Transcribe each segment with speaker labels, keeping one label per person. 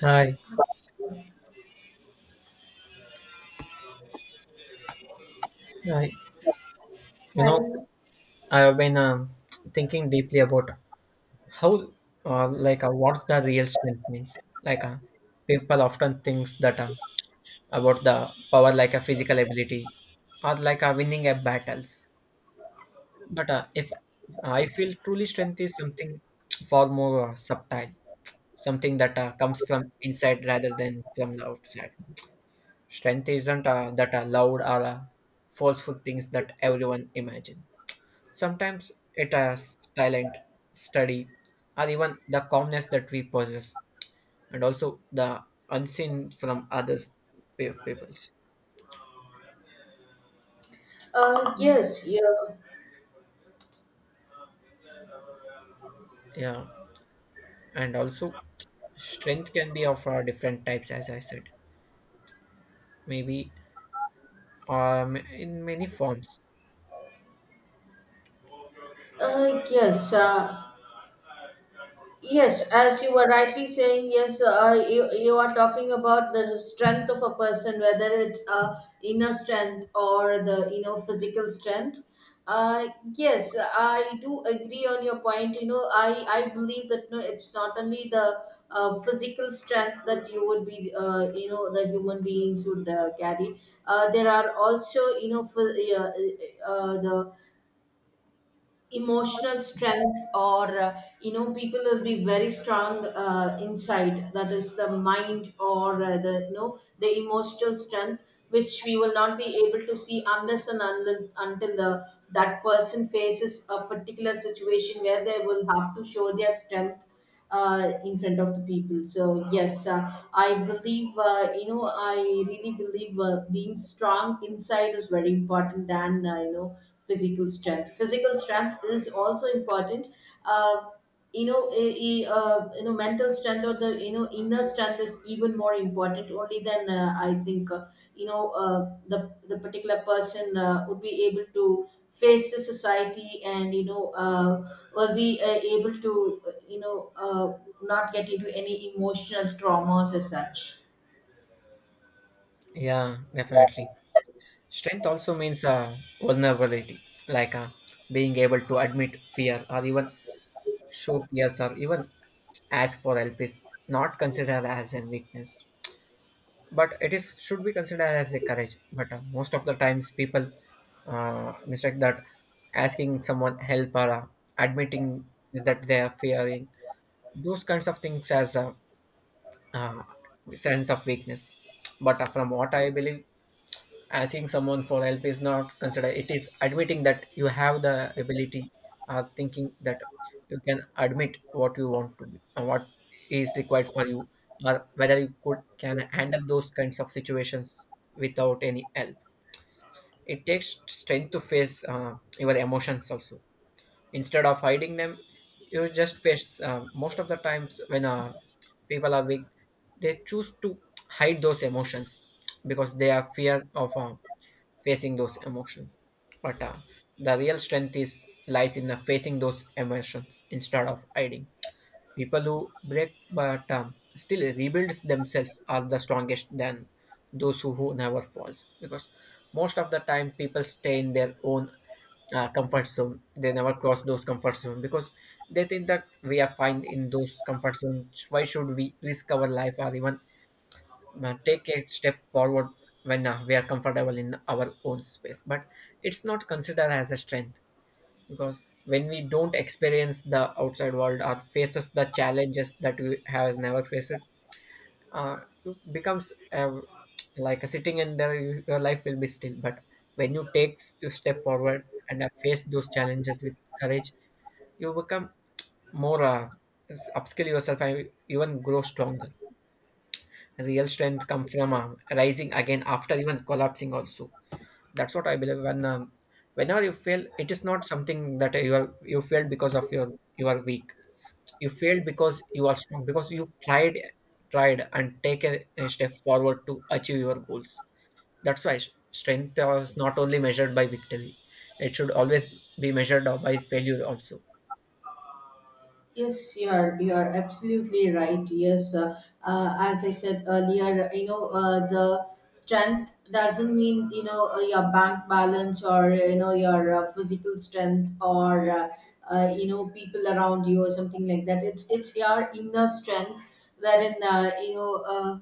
Speaker 1: Hi, hi. You know,
Speaker 2: Hi.
Speaker 1: I have been thinking deeply about how, what the real strength means. Like, uh, people often thinks that about the power, like a physical ability, or like a winning a battles. But if I feel truly strength is something far more subtle, something that comes from inside rather than from the outside. Strength isn't that loud or forceful things that everyone imagine. Sometimes it has talent, study, or even the calmness that we possess, and also the unseen from others peoples.
Speaker 2: Yes, yeah.
Speaker 1: Yeah, and also strength can be of different types, as I said, maybe in many forms.
Speaker 2: Yes, yes, as you were rightly saying, yes, you are talking about the strength of a person, whether it's inner strength, or the physical strength. Uh, yes, I do agree on your point. I believe that no, it's not only the physical strength that you would be, the human beings would carry. There are also, the emotional strength. Or people will be very strong inside; that is the mind, or the you know the emotional strength, which we will not be able to see unless and until, that person faces a particular situation where they will have to show their strength in front of the people. So yes, I believe, I really believe being strong inside is very important than physical strength. Physical strength is also important. uh, Mental strength, or the inner strength, is even more important. Only then, I think, you know uh, the the particular person would be able to face the society, and will be able to, uh, you know uh, not get into any emotional traumas as such.
Speaker 1: Yeah, definitely. Strength also means vulnerability, like uh, being able to admit fear or even show tears or even ask for help is not considered as a weakness. But it is should be considered as a courage, but most of the times people mistake that asking someone help or admitting that they are fearing those kinds of things as a uh, sense of weakness. But from what I believe, asking someone for help is not considered, it is admitting that you have the ability, thinking that you can admit what you want to be, what is required for you, or whether you could can handle those kinds of situations without any help. It takes strength to face your emotions also, instead of hiding them. You just face, most of the times when people are weak, they choose to hide those emotions because they are fear of facing those emotions. But the real strength is lies in the facing those emotions instead of hiding. People who break but still rebuilds themselves are the strongest than those who never falls, because most of the time people stay in their own comfort zone. They never cross those comfort zone because they think that we are fine in those comfort zones, why should we risk our life or even take a step forward when we are comfortable in our own space. But it's not considered as a strength, because when we don't experience the outside world or faces the challenges that we have never faced, uh, it becomes like a sitting in there, your life will be still. But when you take you step forward and face those challenges with courage, you become more upskill yourself and even grow stronger. Real strength comes from rising again after even collapsing also. That's what I believe. Whenever you fail, it is not something that you are you failed because of your you are weak. You failed because you are strong, because you tried, tried, and taken a step forward to achieve your goals. That's why strength is not only measured by victory; it should always be measured by failure also.
Speaker 2: Yes, you are. You are absolutely right. Yes, as I said earlier, the strength doesn't mean your bank balance, or your physical strength, or people around you, or something like that. It's your inner strength, wherein.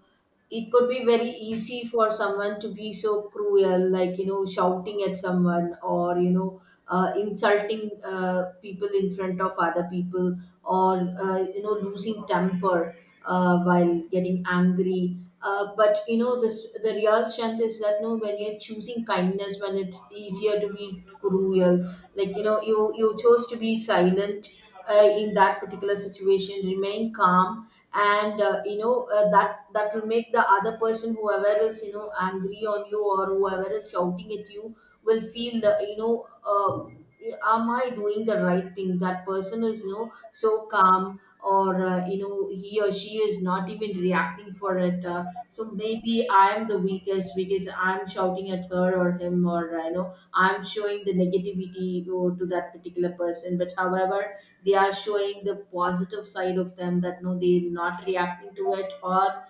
Speaker 2: It could be very easy for someone to be so cruel, like shouting at someone, or insulting people in front of other people, or losing temper while getting angry. But this the real strength is that no, when you're choosing kindness, when it's easier to be cruel, like you chose to be silent in that particular situation, remain calm. And that will make the other person, whoever is angry on you or whoever is shouting at you, will feel, am I doing the right thing? That person is so calm, or he or she is not even reacting for it. So maybe I am the weakest, because I'm shouting at her or him, or I'm showing the negativity, oh, to that particular person. But however, they are showing the positive side of them, that no, they're not reacting to it, or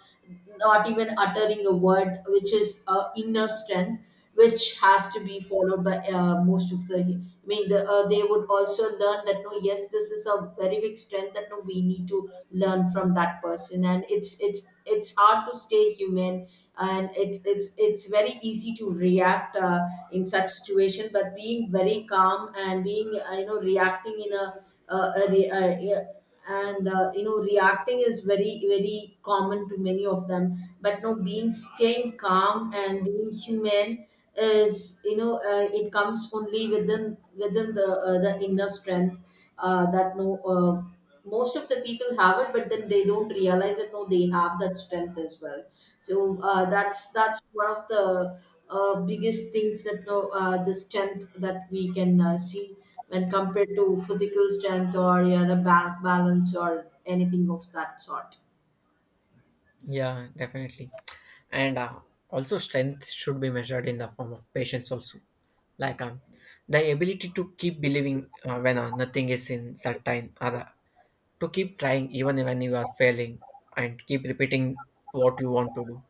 Speaker 2: not even uttering a word, which is inner strength, which has to be followed by most of the. I mean, the, they would also learn that no, yes, this is a very big strength, that no, we need to learn from that person, and it's hard to stay human, and it's very easy to react in such situation, but being very calm and being, reacting in a, uh a, re- a, a and reacting is very, very common to many of them. But no, being staying calm and being human, is, it comes only within within the inner strength, that no, most of the people have it, but then they don't realize that no, they have that strength as well. So that's one of the biggest things, that no, the strength that we can see when compared to physical strength or your bank balance or anything of that sort.
Speaker 1: Yeah, definitely. And also, strength should be measured in the form of patience, also. Like um, the ability to keep believing when nothing is in certain, or to keep trying even when you are failing, and keep repeating what you want to do.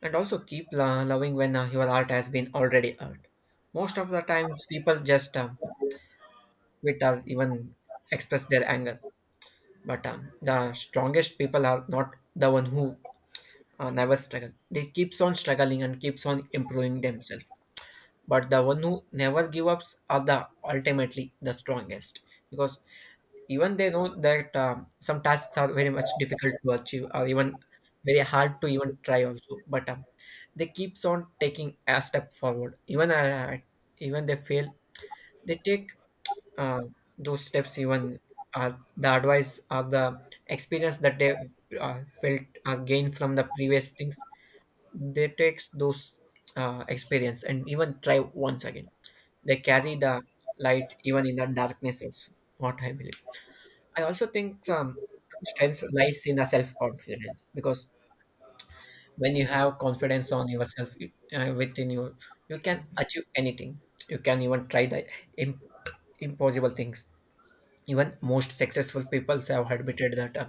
Speaker 1: And also, keep loving when your heart has been already hurt. Most of the times, people just quit or even express their anger. But the strongest people are not the one who never struggle. They keeps on struggling and keeps on improving themselves. But the one who never give ups are the ultimately the strongest, because even they know that some tasks are very much difficult to achieve or even very hard to even try also. But they keeps on taking a step forward. Even they fail, they take uh, those steps. Even the advice or the experience that they felt or gained from the previous things, they takes those experience and even try once again. They carry the light even in the darkness also, what I believe. I also think, true strength lies in the self-confidence, because when you have confidence on yourself, within you, you can achieve anything. You can even try the imp- impossible things. Even most successful people have admitted that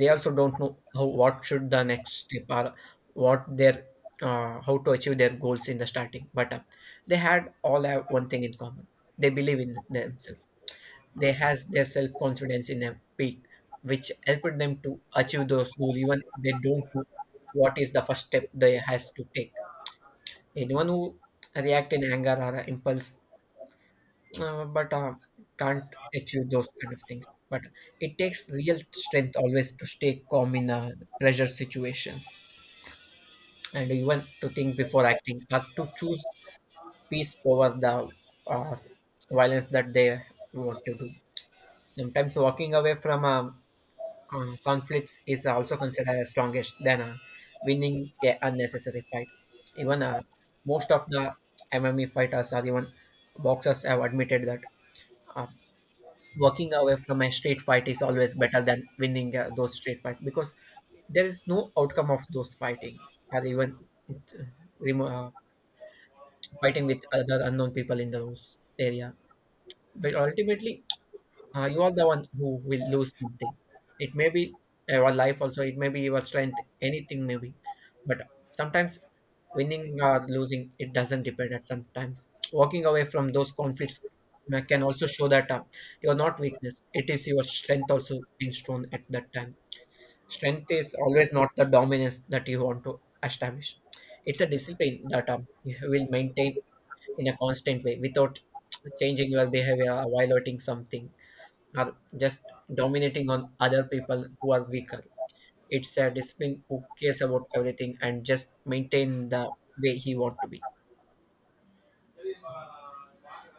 Speaker 1: they also don't know how what should the next step or what their how to achieve their goals in the starting. But they had all have one thing in common: they believe in themselves. They has their self confidence in a peak, which helped them to achieve those goals even they don't know what is the first step they has to take. Anyone who react in anger or impulse, but can't achieve those kind of things. But it takes real strength always to stay calm in pressure situations, and even to think before acting, or to choose peace over the uh, violence that they want to do. Sometimes walking away from conflicts is also considered as strongest than winning a unnecessary fight. Even most of the MMA fighters or even boxers have admitted that. Uh, Walking away from a street fight is always better than winning those street fights, because there is no outcome of those fightings, or even it, remo- uh, fighting with other unknown people in those area. But ultimately, you are the one who will lose something. It may be your life also, it may be your strength, anything maybe. But sometimes winning or losing, it doesn't depend at sometimes. Walking away from those conflicts can also show that you're not weakness. It is your strength also being shown at that time. Strength is always not the dominance that you want to establish. It's a discipline that you will maintain in a constant way without changing your behavior or violating something, are just dominating on other people who are weaker. It's a discipline who cares about everything and just maintain the way he want to be.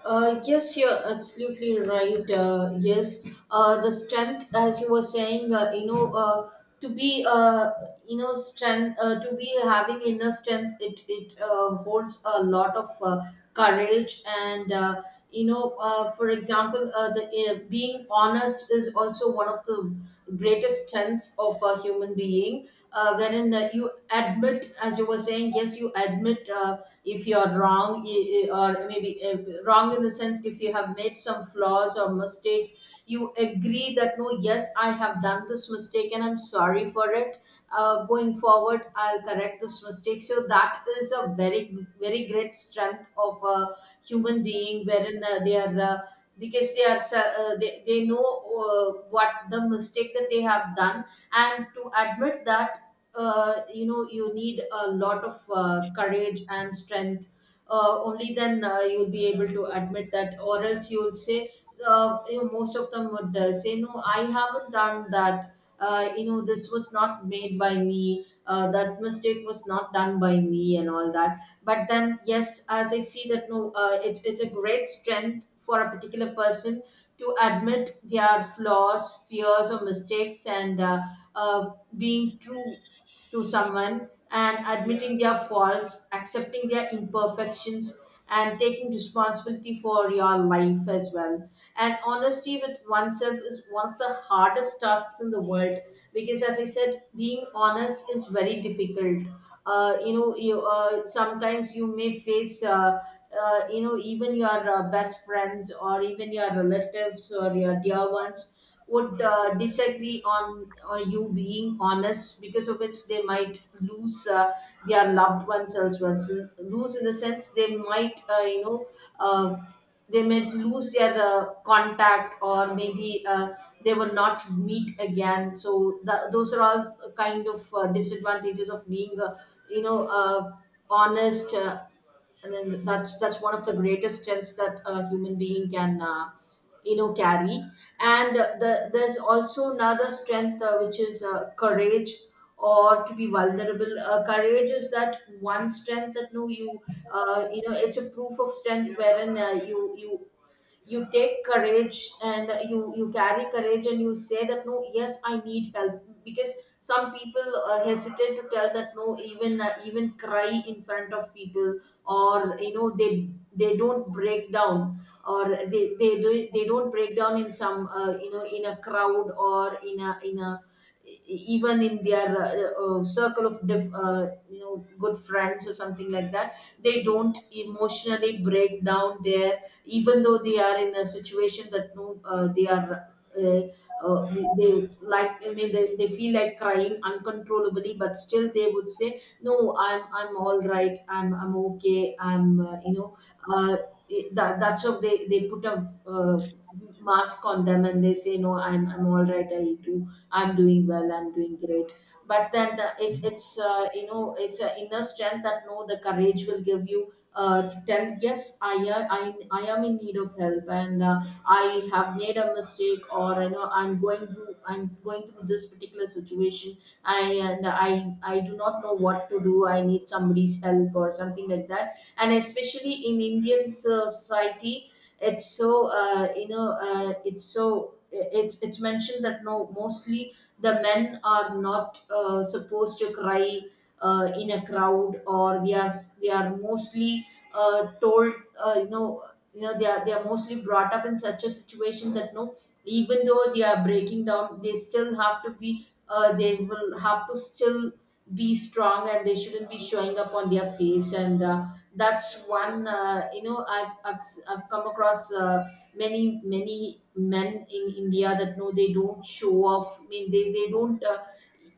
Speaker 2: Yes, you're absolutely right. Yes, the strength, as you were saying, to be, strength, to be having inner strength, it holds a lot of courage and. For example, the being honest is also one of the greatest strengths of a human being, wherein, you admit, as you were saying, yes, you admit, if you're wrong, or maybe, wrong in the sense, if you have made some flaws or mistakes, you agree that no, yes, I have done this mistake and I'm sorry for it. Going forward, I'll correct this mistake. So that is a very, very great strength of a human being, wherein they are, because they are, they know what the mistake that they have done. And to admit that, you need a lot of courage and strength. Only then, you'll be able to admit that, or else you'll say, most of them would say no, I haven't done that, this was not made by me, that mistake was not done by me, and all that. But then yes, as I see that, no, it's a great strength for a particular person to admit their flaws, fears or mistakes, and uh, being true to someone and admitting their faults, accepting their imperfections, and taking responsibility for your life as well. And honesty with oneself is one of the hardest tasks in the world, because, as I said, being honest is very difficult. You, sometimes you may face. Even your best friends or even your relatives or your dear ones would disagree on you being honest, because of which they might lose their loved ones as well. So lose, in the sense, they might, uh, they might lose their contact, or maybe they will not meet again. So those are all kind of disadvantages of being, you know uh, honest, and then that's one of the greatest strengths that a human being can, carry. And there's also another strength, which is courage or to be vulnerable. Courage is that one strength, that no, it's a proof of strength, wherein you take courage and you carry courage, and you say that no, yes, I need help. Because some people hesitate to tell that no, even cry in front of people, or they don't break down, or they don't break down in some, in a crowd, or in a even in their circle of, diff, you know good friends, or something like that. They don't emotionally break down there, even though they are in a situation that no, they are, uh, they like, I mean, they feel like crying uncontrollably, but still they would say, "No, I'm all right. I'm okay. I'm." Uh, that's how they put a mask on them, and they say, "No, I'm all right. I do. I'm doing well. I'm doing great." But then it's you know it's an inner strength, that no, the courage will give you to tell yes. I I am in need of help, and I have made a mistake, or I know I'm going through this particular situation. I and i i do not know what to do. I need somebody's help or something like that. And especially in Indian society, it's so, it's mentioned that no, mostly the men are not supposed to cry in a crowd, or they are mostly told, uh, you know they are mostly brought up in such a situation that no, even though they are breaking down, they still have to be, they will have to still be strong, and they shouldn't be showing up on their face. And that's one, I've come across many, many men in India, that no, they don't show off. I mean, they don't, uh,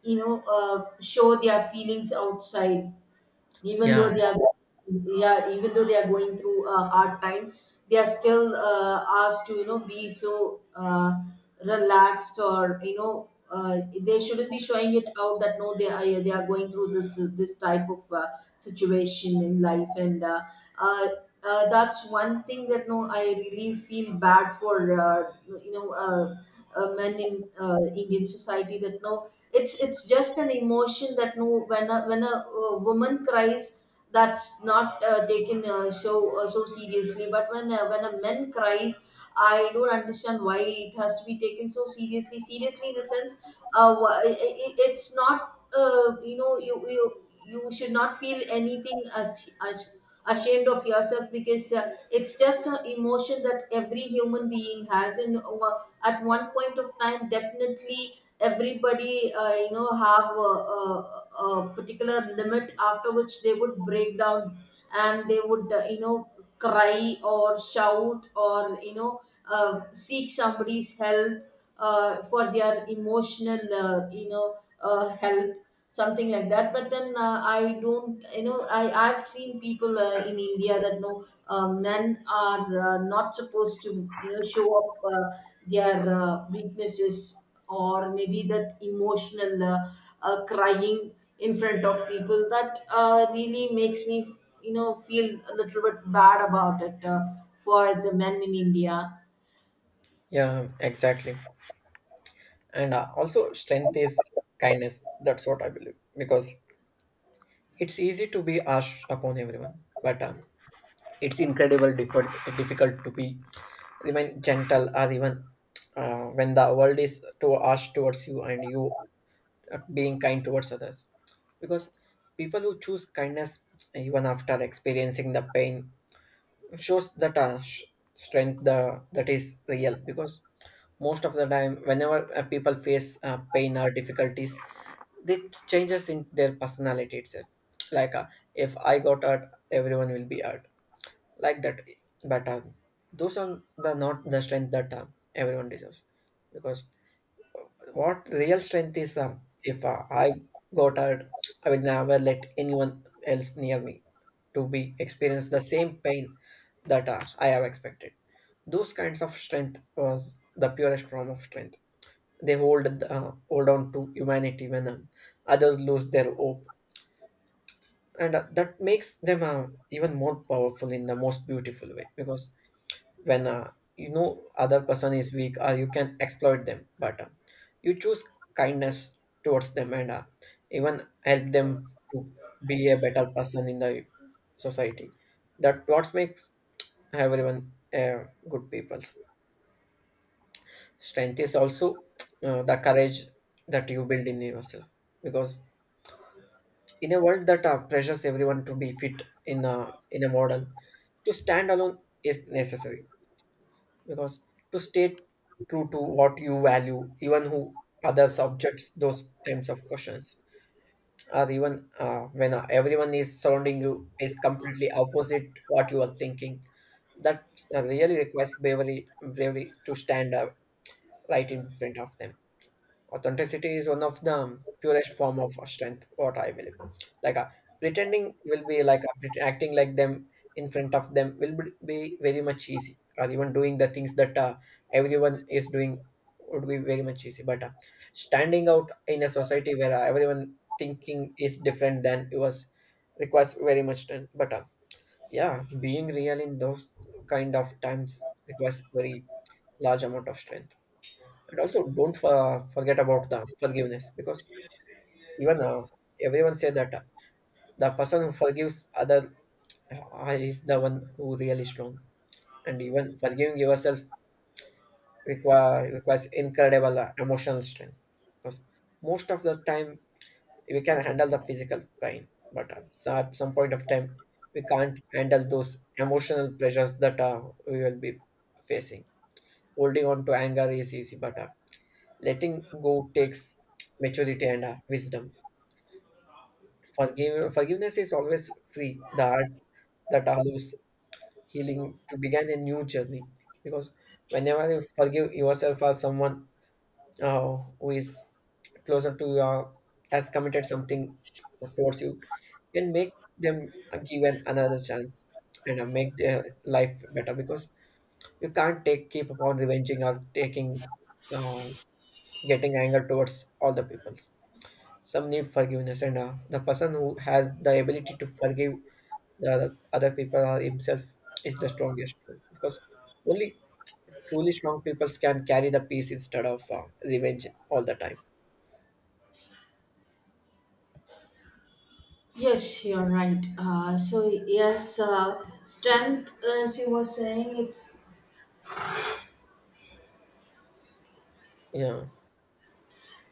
Speaker 2: you know uh, show their feelings outside, even though
Speaker 1: Yeah,
Speaker 2: they are, yeah, even though they are going through a hard time, they are still asked to, be so relaxed, or they shouldn't be showing it out, that no, they are going through this type of situation in life. And uh, that's one thing, that no, I really feel bad for, you know uh, men in Indian society, that no, it's just an emotion that No, when a, when a woman cries, that's not taken so so seriously. But when a man cries, I don't understand why it has to be taken so seriously. Seriously in the sense I it's not uh, you should not feel anything as ashamed of yourself, because it's just an emotion that every human being has. And at one point of time, definitely everybody uh, have a particular limit after which they would break down, and they would uh, cry or shout, or seek somebody's help for their emotional help, something like that. But then I don't, I've seen people in India that know men are not supposed to show up their weaknesses, or maybe that emotional crying in front of people. That really makes me, feel a little bit bad about it, for the men in India.
Speaker 1: yeah, exactly. And also, strength is kindness. That's what I believe, because it's easy to be harsh upon everyone, but it's incredible difficult to be remain gentle or even when the world is too harsh towards you and you being kind towards others, because people who choose kindness even after experiencing the pain shows that strength the that is real, because most of the time whenever people face pain or difficulties, they changes in their personality itself, like if I got hurt everyone will be hurt like that. But those are the not the strength that everyone deserves, because what real strength is, if I got hurt, I will never let anyone else near me to be experience the same pain that I have expected. Those kinds of strength was the purest form of strength. They hold hold on to humanity when others lose their hope, and that makes them even more powerful in the most beautiful way, because when you know other person is weak or you can exploit them, but you choose kindness towards them and even help them to be a better person in the society. That what makes everyone good peoples. Strength is also the courage that you build in yourself, because in a world that pressures everyone to be fit in a model, to stand alone is necessary, because to stay true to what you value even who other subjects those types of questions, or even when everyone is surrounding you is completely opposite what you are thinking, that really requires bravery to stand up right in front of them. Authenticity is one of the purest form of strength, what I believe. Like pretending will be like acting like them in front of them will be very much easy, or even doing the things that everyone is doing would be very much easy. But standing out in a society where everyone thinking is different than it was requires very much strength. But yeah, being real in those kind of times requires very large amount of strength. And also, don't forget about the forgiveness, because even everyone say that the person who forgives other is the one who really strong. And even forgiving yourself requires incredible emotional strength, because most of the time we can handle the physical pain, but so at some point of time we can't handle those emotional pressures that we will be facing. Holding on to anger is easy, but letting go takes maturity and wisdom. Forgiveness is always free. The heart that allows healing to begin a new journey. Because whenever you forgive yourself or someone who is closer to you has committed something towards you, can make them given another chance and make their life better. Because you can't take keep upon revenging or taking uh, getting anger towards all the peoples. Some need forgiveness, and the person who has the ability to forgive the other people or himself is the strongest tool because only truly strong people can carry the peace instead of revenge all the time.
Speaker 2: Yes, you're right. So yes, strength, as you were saying, it's
Speaker 1: yeah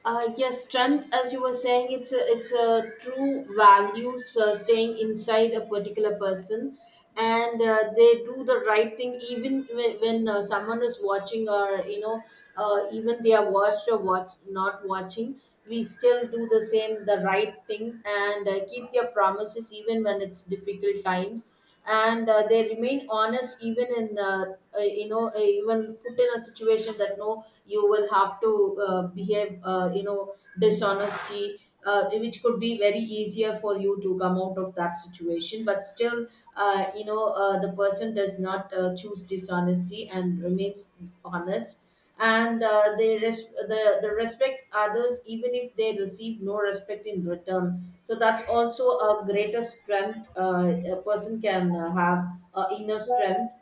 Speaker 2: Yes, strength, as you were saying, it's it's a true values staying inside a particular person, and they do the right thing even when someone is watching, or you know, even they are watched, or watch not watching. We still do the same, the right thing, and keep their promises even when it's difficult times, and they remain honest, even in even put in a situation that no, you will have to behave dishonesty, which could be very easier for you to come out of that situation. But still, the person does not choose dishonesty and remains honest. And the respect others even if they receive no respect in return. So that's also a greater strength a person can have. Inner strength,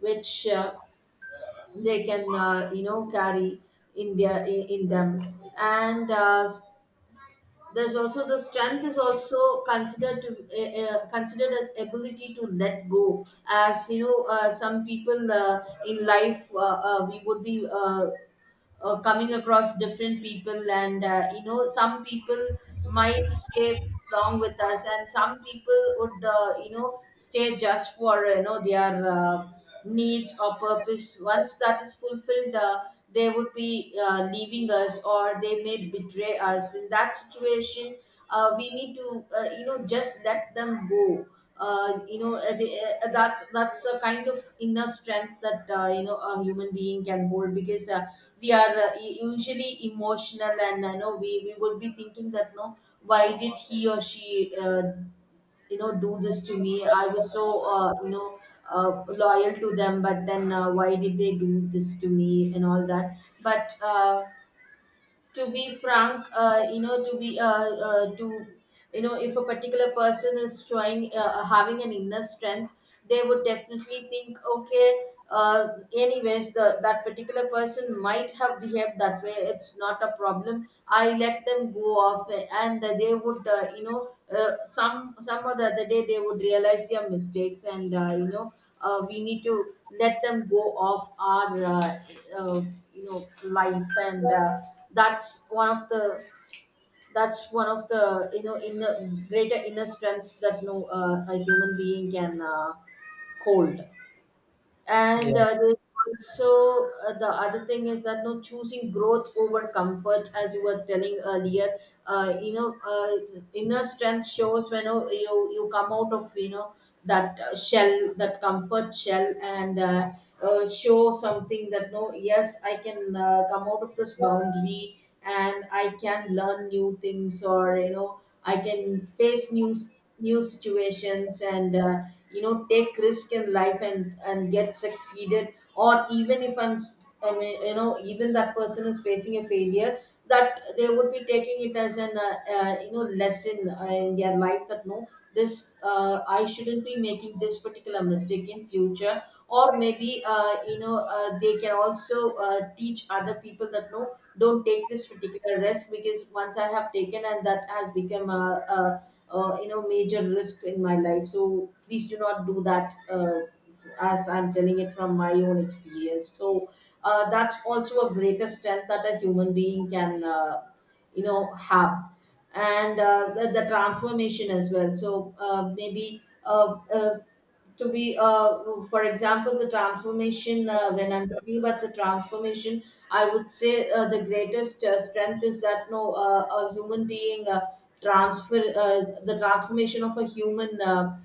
Speaker 2: which they can, carry in them. And there's also the strength is also considered to considered as ability to let go. As you know, some people in life, we would be coming across different people, and some people might stay long with us, and some people would, stay just for, you know, their needs or purpose. Once that is fulfilled, they would be leaving us, or they may betray us. In that situation, we need to, just let them go. uh, you know uh, the, that's a kind of inner strength that, a human being can hold, because we are usually emotional, and you know, we would be thinking that no, why did he or she do this to me? I was so, loyal to them, but then why did they do this to me, and all that. But to be frank, you know to be to you know if a particular person is showing having an inner strength, they would definitely think, okay, uh, anyways, that particular person might have behaved that way, it's not a problem, I let them go off. And they would, some or the other day they would realize their mistakes, and, we need to let them go off our uh, you know life. And that's one of the, that's one of the inner greater inner strengths that no, a human being can hold. And
Speaker 1: yeah
Speaker 2: there's also the other thing is that no, choosing growth over comfort, as you were telling earlier. Inner strength shows when, oh, you come out of, you know, that shell, that comfort shell, and show something that no, yes, I can come out of this boundary, and I can learn new things. Or, you know, I can face new situations, and, take risk in life, and get succeeded. Or even if I'm, I mean, you know, even that person is facing a failure, that they would be taking it as an, you know, lesson in their life, that no, this, I shouldn't be making this particular mistake in future. Or maybe, they can also teach other people that no, don't take this particular risk, because once I have taken, and that has become a you know, major risk in my life. So please do not do that. As I'm telling it from my own experience. So that's also a greater strength that a human being can, have. And the transformation as well. So maybe to be, for example, the transformation. When I'm talking about the transformation, I would say the greatest strength is that no, a human being. Transfer, the transformation of a human, uh,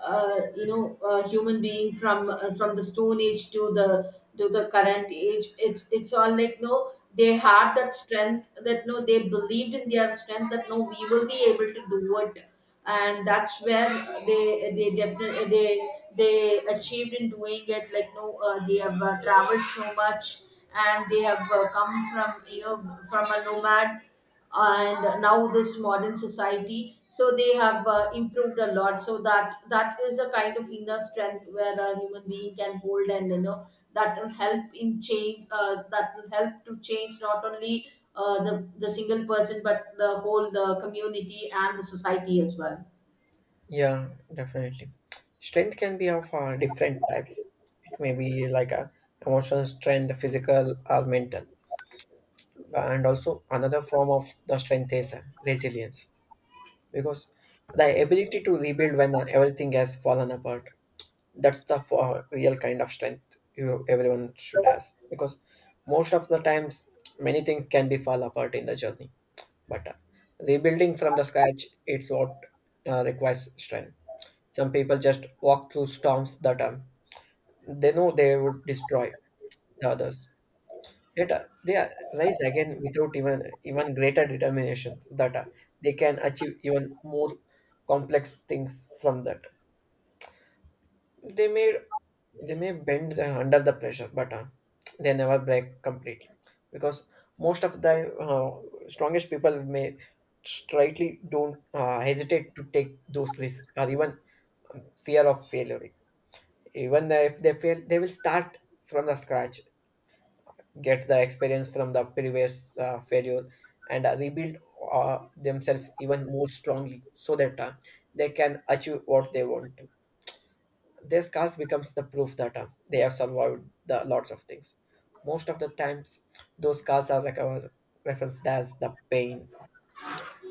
Speaker 2: uh, you know uh, human being from, from the stone age to the, to the current age. It's all like no, they had that strength that no, they believed in their strength, that no, we will be able to do it. And that's where they definitely they achieved in doing it. Like no, they have traveled so much, and they have come from, you know, from a nomad, and now this modern society. So they have improved a lot. So that, that is a kind of inner strength where a human being can hold. And you know, that will help in change, that will help to change not only the single person, but the whole, the community and the society as well.
Speaker 1: yeah Definitely, strength can be of different types. It may be like a emotional strength, physical or mental. And also another form of the strength is resilience, because the ability to rebuild when everything has fallen apart, that's the real kind of strength you everyone should have. Because most of the times many things can be fall apart in the journey, but rebuilding from the scratch, it's what requires strength. Some people just walk through storms that they know they would destroy the others, yet they rise again without even greater determination, so that they can achieve even more complex things from that they made. They may bend the, under the pressure, but they never break completely, because most of the strongest people may slightly don't hesitate to take those risks or even fear of failure. Even if they fail, they will start from the scratch, get the experience from the previous failure, and rebuild themselves even more strongly, so that they can achieve what they want. Their scars becomes the proof that they have survived the lots of things. Most of the times, those scars are recovered, referenced as the pain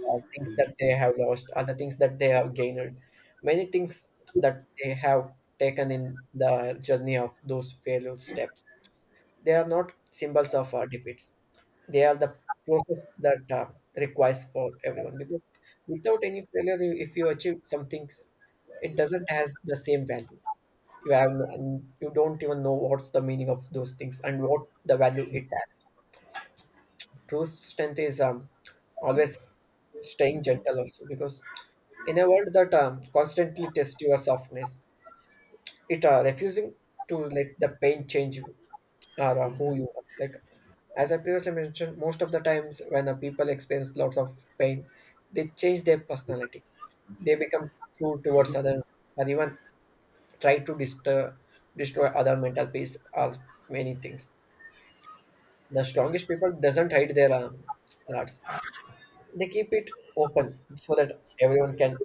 Speaker 1: or things that they have lost or the things that they have gained. Many things that they have taken in the journey of those failure steps. They are not symbols of our defeats. They are the process that requires for everyone, because without any failure, if you achieve something, it doesn't has the same value. You have no- You don't even know what's the meaning of those things and what the value it has. True strength is always staying gentle also, because in a world that constantly tests your softness, it refusing to let the pain change you or who you are. Like as I previously mentioned, most of the times when people experience lots of pain, they change their personality. They become cruel towards others, or even try to disturb, destroy other mental peace, or many things. The strongest people doesn't hide their arts. They keep it open so that everyone can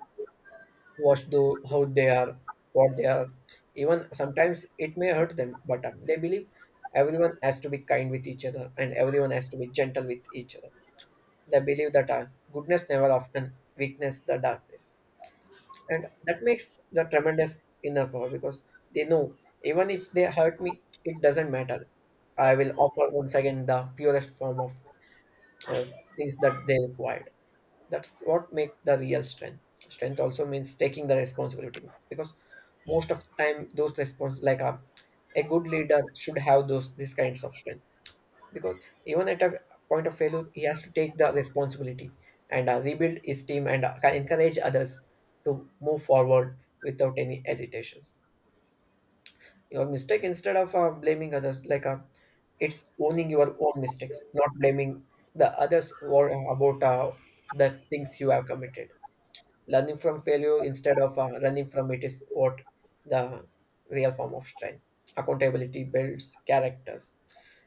Speaker 1: watch the how they are, what they are. Even sometimes it may hurt them, but they believe everyone has to be kind with each other, and everyone has to be gentle with each other. They believe that goodness never often weakness the darkness, and that makes the tremendous inner power, because they know even if they hurt me, it doesn't matter. I will offer once again the purest form of uh, things that they required. That's what make the real strength. Strength also means taking the responsibility, because most of the time those response like a good leader should have those these kinds of strength, because even at a point of failure he has to take the responsibility and rebuild his team and encourage others to move forward without any hesitations. Your mistake instead of blaming others, like it's owning your own mistakes, not blaming the others or about the things you have committed. Learning from failure instead of running from it is what the real form of strength. Accountability builds characters.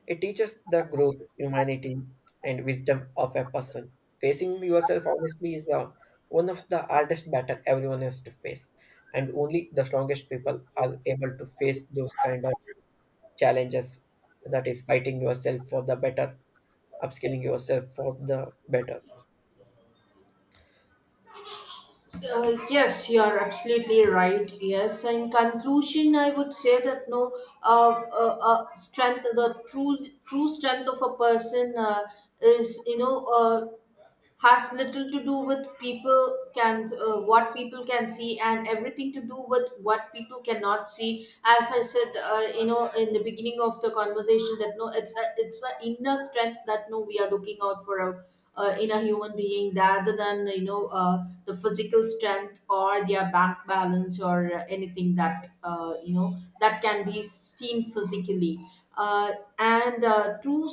Speaker 1: It teaches the growth, humanity, and wisdom of a person. Facing yourself honestly is one of the hardest battle everyone has to face, and only the strongest people are able to face those kind of challenges, that is fighting yourself for the better, upskilling yourself for the better.
Speaker 2: Yes, you are absolutely right. Yes, in conclusion, I would say that no, strength, the true, true strength of a person, is, has little to do with people can, what people can see, and everything to do with what people cannot see. As I said, in the beginning of the conversation, that no, it's a, it's an inner strength that no, we are looking out for a in a human being, rather than, the physical strength, or their bank balance, or anything that, that can be seen physically. Uh, and True,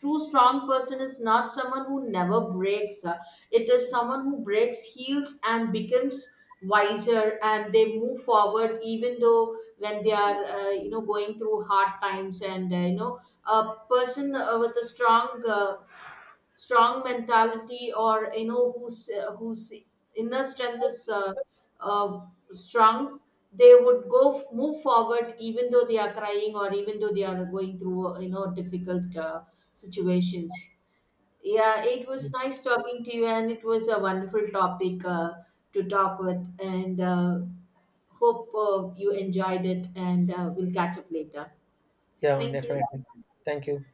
Speaker 2: true strong person is not someone who never breaks. It is someone who breaks, heals, and becomes wiser, and they move forward, even though when they are, going through hard times. And, a person with a strong, strong mentality, or you know, whose inner strength is strong, they would move forward, even though they are crying, or even though they are going through, difficult situations. Yeah, it was nice talking to you, and it was a wonderful topic to talk with. And hope you enjoyed it, and we'll catch up later.
Speaker 1: Yeah,
Speaker 2: Thank you.
Speaker 1: definitely. Thank you.